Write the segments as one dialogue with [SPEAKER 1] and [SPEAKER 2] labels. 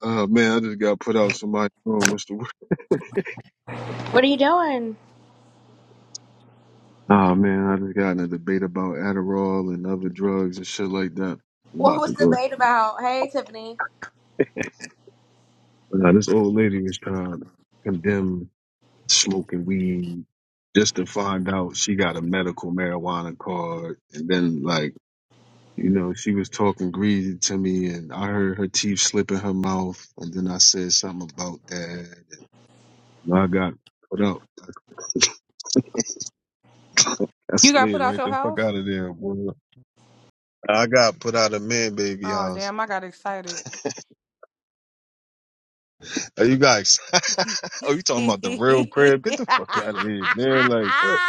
[SPEAKER 1] Uh man, I just got put out somebody's room. What's the word?
[SPEAKER 2] What are you doing?
[SPEAKER 1] Nah, man, I just got in a debate about Adderall and other drugs and shit like that. I'm
[SPEAKER 2] What
[SPEAKER 1] about to
[SPEAKER 2] was the
[SPEAKER 1] go.
[SPEAKER 2] debate about? Hey, Tiffany.
[SPEAKER 1] Nah, this old lady was trying to condemn smoking weed just to find out she got a medical marijuana card. And then, like, you know, she was talking greasy to me and I heard her teeth slip in her mouth. And then I said something about that. And I got put out. I
[SPEAKER 3] You got
[SPEAKER 1] slid
[SPEAKER 3] put out
[SPEAKER 1] right
[SPEAKER 3] your
[SPEAKER 1] the fuck
[SPEAKER 3] house?
[SPEAKER 1] out of there, boy. I got put out of man baby
[SPEAKER 3] Oh
[SPEAKER 1] house.
[SPEAKER 3] damn, I got excited.
[SPEAKER 1] Are you guys? oh, you talking about the real crib? Get the fuck out of here, man! Like, what?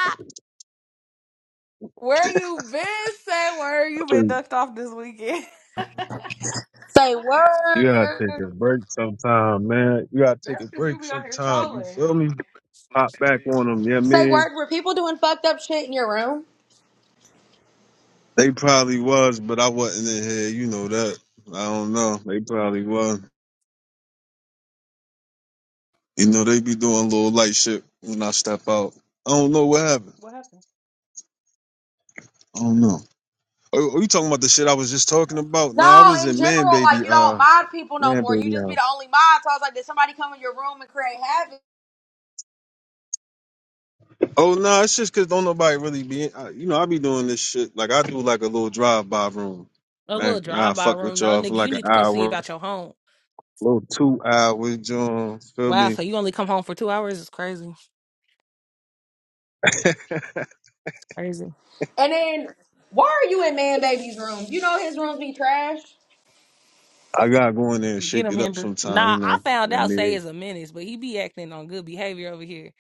[SPEAKER 3] Where you been, say where you been ducked off this weekend?
[SPEAKER 2] Say word.
[SPEAKER 1] You gotta take a break sometime, man. You gotta
[SPEAKER 3] That's
[SPEAKER 1] take a
[SPEAKER 3] because you
[SPEAKER 1] break
[SPEAKER 3] be on here
[SPEAKER 1] sometime. You
[SPEAKER 3] trolling.
[SPEAKER 1] feel me? Pop back on them, yeah,
[SPEAKER 2] Say
[SPEAKER 1] man.
[SPEAKER 2] word. Were people doing fucked up shit in your room?
[SPEAKER 1] They probably was, but I wasn't in here. You know that. I don't know. They probably was. You know they be doing little light shit when I step out. I don't know what happened.
[SPEAKER 3] What happened?
[SPEAKER 1] I don't know. Are, are you talking about the shit I was just talking about? No, I
[SPEAKER 2] No,
[SPEAKER 1] was
[SPEAKER 2] in
[SPEAKER 1] in Man
[SPEAKER 2] general, like
[SPEAKER 1] Baby.
[SPEAKER 2] you don't
[SPEAKER 1] Uh,
[SPEAKER 2] mod people no
[SPEAKER 1] Man
[SPEAKER 2] more. You
[SPEAKER 1] Baby.
[SPEAKER 2] just
[SPEAKER 1] uh,
[SPEAKER 2] be the only mod. So I was like, did somebody come in your room and create havoc?
[SPEAKER 1] Oh no, it's just cause don't nobody really be. I, you know, I be doing this shit. Like I do like a little drive by room,
[SPEAKER 3] A
[SPEAKER 1] man.
[SPEAKER 3] little
[SPEAKER 1] I
[SPEAKER 3] drive by
[SPEAKER 1] fuck
[SPEAKER 3] room.
[SPEAKER 1] with
[SPEAKER 3] No
[SPEAKER 1] y'all for
[SPEAKER 3] nigga, you
[SPEAKER 1] like an
[SPEAKER 3] need to come see
[SPEAKER 1] hour,
[SPEAKER 3] about your home.
[SPEAKER 1] little two hours, John. Feel
[SPEAKER 3] Wow,
[SPEAKER 1] me?
[SPEAKER 3] so you only come home for two hours? It's crazy. Crazy.
[SPEAKER 2] And then, why are you in man baby's room? You know his rooms be trash.
[SPEAKER 1] I gotta go in there and
[SPEAKER 3] Get
[SPEAKER 1] shake
[SPEAKER 3] him
[SPEAKER 1] it up
[SPEAKER 3] Hinder.
[SPEAKER 1] sometime. You
[SPEAKER 3] Nah, I
[SPEAKER 1] know,
[SPEAKER 3] found
[SPEAKER 1] I
[SPEAKER 3] out Say
[SPEAKER 1] mean,
[SPEAKER 3] is a menace, but he be acting on good behavior over here.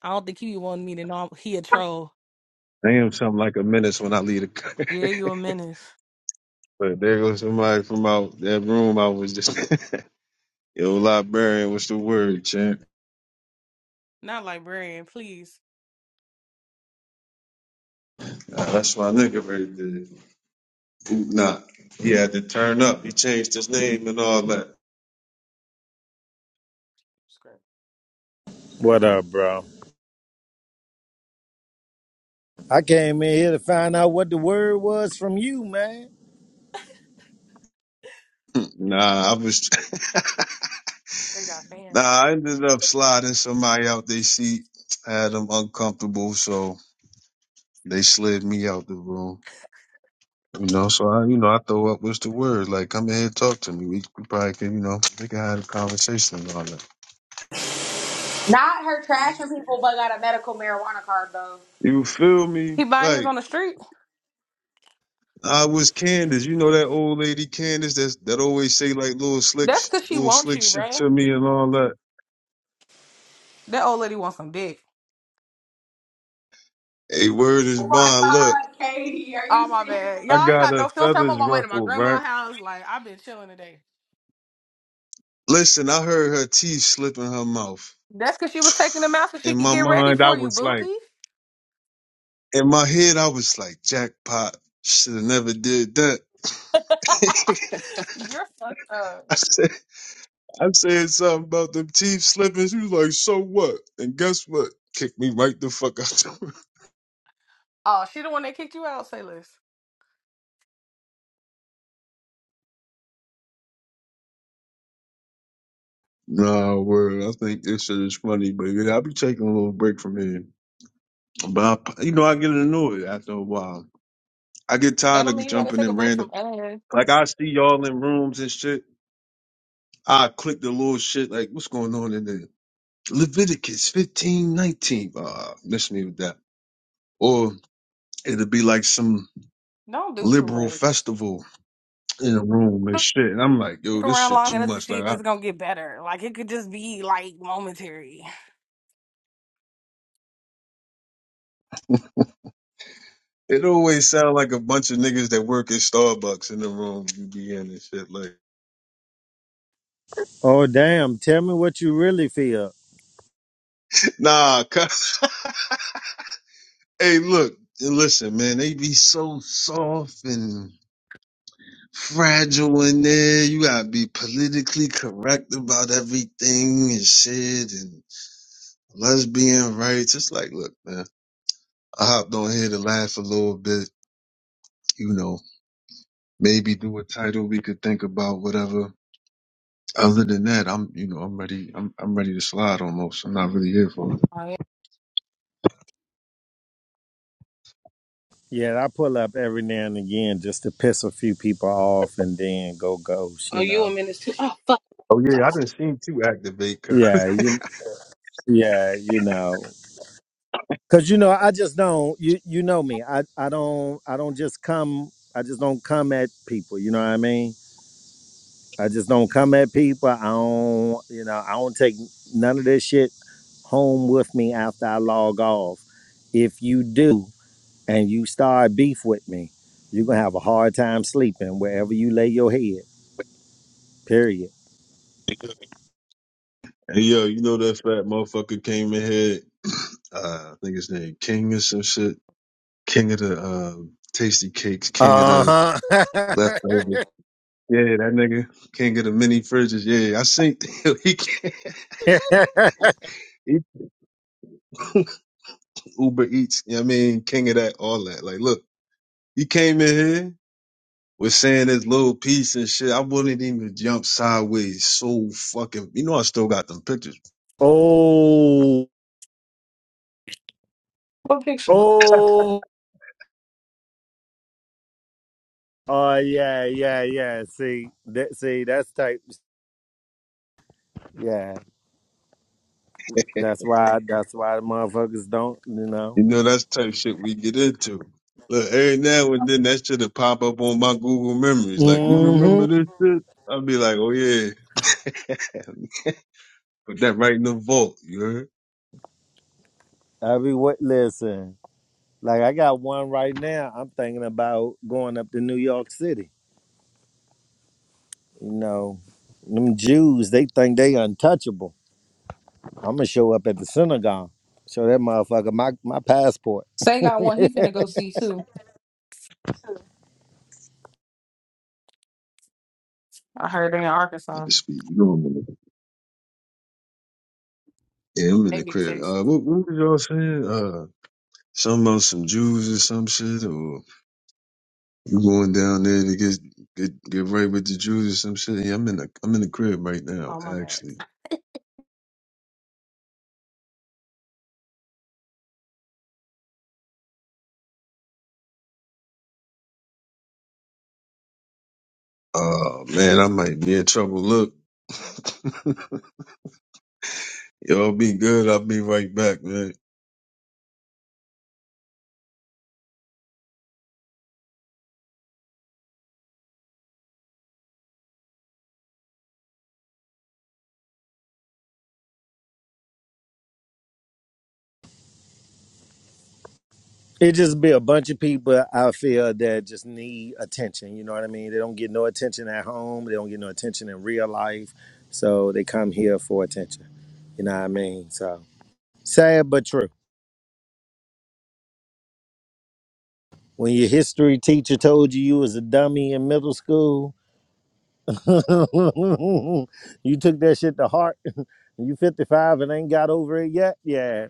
[SPEAKER 3] I don't think he be wanting me to know he a troll.
[SPEAKER 1] I am something like a menace when I leave the.
[SPEAKER 3] Yeah,
[SPEAKER 1] country.
[SPEAKER 3] you a menace.
[SPEAKER 1] but there goes somebody from out that room. I was just yo librarian. What's the word, champ?
[SPEAKER 3] Not librarian, please.
[SPEAKER 1] Uh, that's my nigga right there. Boot not. He had to turn up. He changed his name and all that.
[SPEAKER 4] What up, bro? I came in here to find out what the word was from you, man.
[SPEAKER 1] Nah, I was.
[SPEAKER 3] They got fans.
[SPEAKER 1] nah, I ended up sliding somebody out their seat. Had them uncomfortable, so they slid me out the room. You know, so I, you know, I throw up what's the word? Like, come in here, talk to me. We, we probably can, you know, we can have a conversation and all that.
[SPEAKER 2] Not her trashing people, but got a medical marijuana card though.
[SPEAKER 1] You feel me?
[SPEAKER 3] He buying his
[SPEAKER 1] Like,
[SPEAKER 3] on the street?
[SPEAKER 1] I was Candace. You know that old lady Candace that's, that always say like little slick,
[SPEAKER 3] That's
[SPEAKER 1] sh-
[SPEAKER 3] because she
[SPEAKER 1] little
[SPEAKER 3] wants
[SPEAKER 1] slick
[SPEAKER 3] you,
[SPEAKER 1] shit
[SPEAKER 3] bro.
[SPEAKER 1] to me and all that.
[SPEAKER 3] That old lady wants some dick.
[SPEAKER 1] Hey, word is
[SPEAKER 2] Oh my
[SPEAKER 1] bond. Look,
[SPEAKER 2] god, Katie, are
[SPEAKER 3] Oh,
[SPEAKER 2] you
[SPEAKER 3] my bad.
[SPEAKER 2] serious?
[SPEAKER 1] I
[SPEAKER 3] Y'all ain't
[SPEAKER 1] got
[SPEAKER 3] got
[SPEAKER 1] her
[SPEAKER 3] no filter. I'm on
[SPEAKER 1] feathers
[SPEAKER 3] my way to my
[SPEAKER 1] ruffled, right?
[SPEAKER 3] grandma's house. Like, I've been chilling today.
[SPEAKER 1] Listen, I heard her teeth slip in her mouth.
[SPEAKER 3] That's because she was taking him out so
[SPEAKER 1] In
[SPEAKER 3] she could
[SPEAKER 1] my
[SPEAKER 3] get ready
[SPEAKER 1] mind, I
[SPEAKER 3] for you,
[SPEAKER 1] was like,
[SPEAKER 3] Bookie.
[SPEAKER 1] in my head, I was like, jackpot. Should have never did that.
[SPEAKER 3] You're fucked up.
[SPEAKER 1] I said, I said something about them teeth slipping. She was like, so what? And guess what? Kicked me right the fuck out the room.
[SPEAKER 3] Oh, she the one that kicked you out, say less.
[SPEAKER 1] Nah, word. I think this shit is funny, but yeah, I'll be taking a little break from here. But I, you know, I get annoyed after a while. I get
[SPEAKER 3] That
[SPEAKER 1] tired
[SPEAKER 3] don't
[SPEAKER 1] of
[SPEAKER 3] mean you gotta
[SPEAKER 1] jumping
[SPEAKER 3] take a
[SPEAKER 1] in
[SPEAKER 3] break from
[SPEAKER 1] random.
[SPEAKER 3] us.
[SPEAKER 1] Like I see y'all in rooms and shit. I click the little shit. Like, what's going on in there? Leviticus fifteen nineteen. Uh, miss me with that. Or it'll be like some
[SPEAKER 3] Don't do too
[SPEAKER 1] liberal
[SPEAKER 3] much.
[SPEAKER 1] festival in a room and shit. And I'm like, yo,
[SPEAKER 3] Stick
[SPEAKER 1] this
[SPEAKER 3] around
[SPEAKER 1] shit
[SPEAKER 3] long
[SPEAKER 1] too
[SPEAKER 3] enough to
[SPEAKER 1] much.
[SPEAKER 3] see
[SPEAKER 1] Like,
[SPEAKER 3] if
[SPEAKER 1] I,
[SPEAKER 3] it's gonna get better. Like it could just be like momentary.
[SPEAKER 1] it always sound like a bunch of niggas that work at Starbucks in the room you be in and shit. Like,
[SPEAKER 4] Oh, damn. Tell me what you really feel.
[SPEAKER 1] nah, cuz- hey, look, and listen, man, they be so soft and fragile in there. You gotta be politically correct about everything and shit and lesbian rights. It's like, look, man. I hopped on here to laugh a little bit, you know, maybe do a title we could think about, whatever. Other than that, I'm, you know, I'm ready. I'm, I'm ready to slide almost. I'm not really here for it.
[SPEAKER 3] Oh, yeah.
[SPEAKER 4] Yeah, I pull up every now and again just to piss a few people off and then go ghost,
[SPEAKER 3] Oh,
[SPEAKER 4] you
[SPEAKER 3] you a
[SPEAKER 4] know?
[SPEAKER 3] minute too. Oh,
[SPEAKER 1] Oh yeah,
[SPEAKER 3] fuck.
[SPEAKER 1] I done seen two activate. cuz.
[SPEAKER 4] Yeah, you, yeah, you know. Cause you know, I just don't. You you know me. I I don't. I don't just come. I just don't come at people. You know what I mean? I just don't come at people. I don't, you know, I don't take none of this shit home with me after I log off. If you do and you start beef with me, you're gonna have a hard time sleeping wherever you lay your head. Period.
[SPEAKER 1] hey yo, you know that fat motherfucker came in here. Uh, I think his name King or some shit. King of the uh, tasty cakes. King of the
[SPEAKER 4] Uh huh.
[SPEAKER 1] leftovers. Yeah, that nigga. King of the mini fridges. Yeah, I seen he, he Uber Eats. You know what I mean, king of that, all that. Like, look. He came in here was saying this little piece and shit. I wouldn't even jump sideways. So fucking, you know, I still got them pictures.
[SPEAKER 4] oh,
[SPEAKER 3] What picture?
[SPEAKER 4] oh, oh, yeah, yeah, yeah. See, that, see, that's type. Yeah, that's why. That's why the motherfuckers don't. You know.
[SPEAKER 1] You know, that's the type of shit we get into. Look, every now and then that shit'll pop up on my Google memories. Like, you
[SPEAKER 4] hmm.
[SPEAKER 1] remember this shit? I'll be like, oh yeah, put that right in the vault. You heard?
[SPEAKER 4] I be what? Listen, like I got one right now. I'm thinking about going up to New York City. You know, them Jews, they think they untouchable. I'm gonna show up at the synagogue, show that motherfucker my my passport.
[SPEAKER 3] Say got one he finna go see too. I heard in
[SPEAKER 1] Had
[SPEAKER 3] Arkansas.
[SPEAKER 1] to speak. You know, I'm in the, yeah, I'm in the
[SPEAKER 3] Maybe
[SPEAKER 1] crib.
[SPEAKER 3] Texas.
[SPEAKER 1] Uh, what, what was y'all saying? Uh, something about some Jews or some shit or? You going down there to get get get right with the Jews or some shit? Yeah, I'm in the I'm in the crib right now,
[SPEAKER 3] Oh my bad.
[SPEAKER 1] actually. Oh man, I might be in trouble. Look, y'all be good. I'll be right back, man.
[SPEAKER 4] It just be a bunch of people I feel that just need attention. You know what I mean? They don't get no attention at home. They don't get no attention in real life, so they come here for attention. You know what I mean? So sad but true. When your history teacher told you you was a dummy in middle school you took that shit to heart. You 55 and ain't got over it yet? Yeah.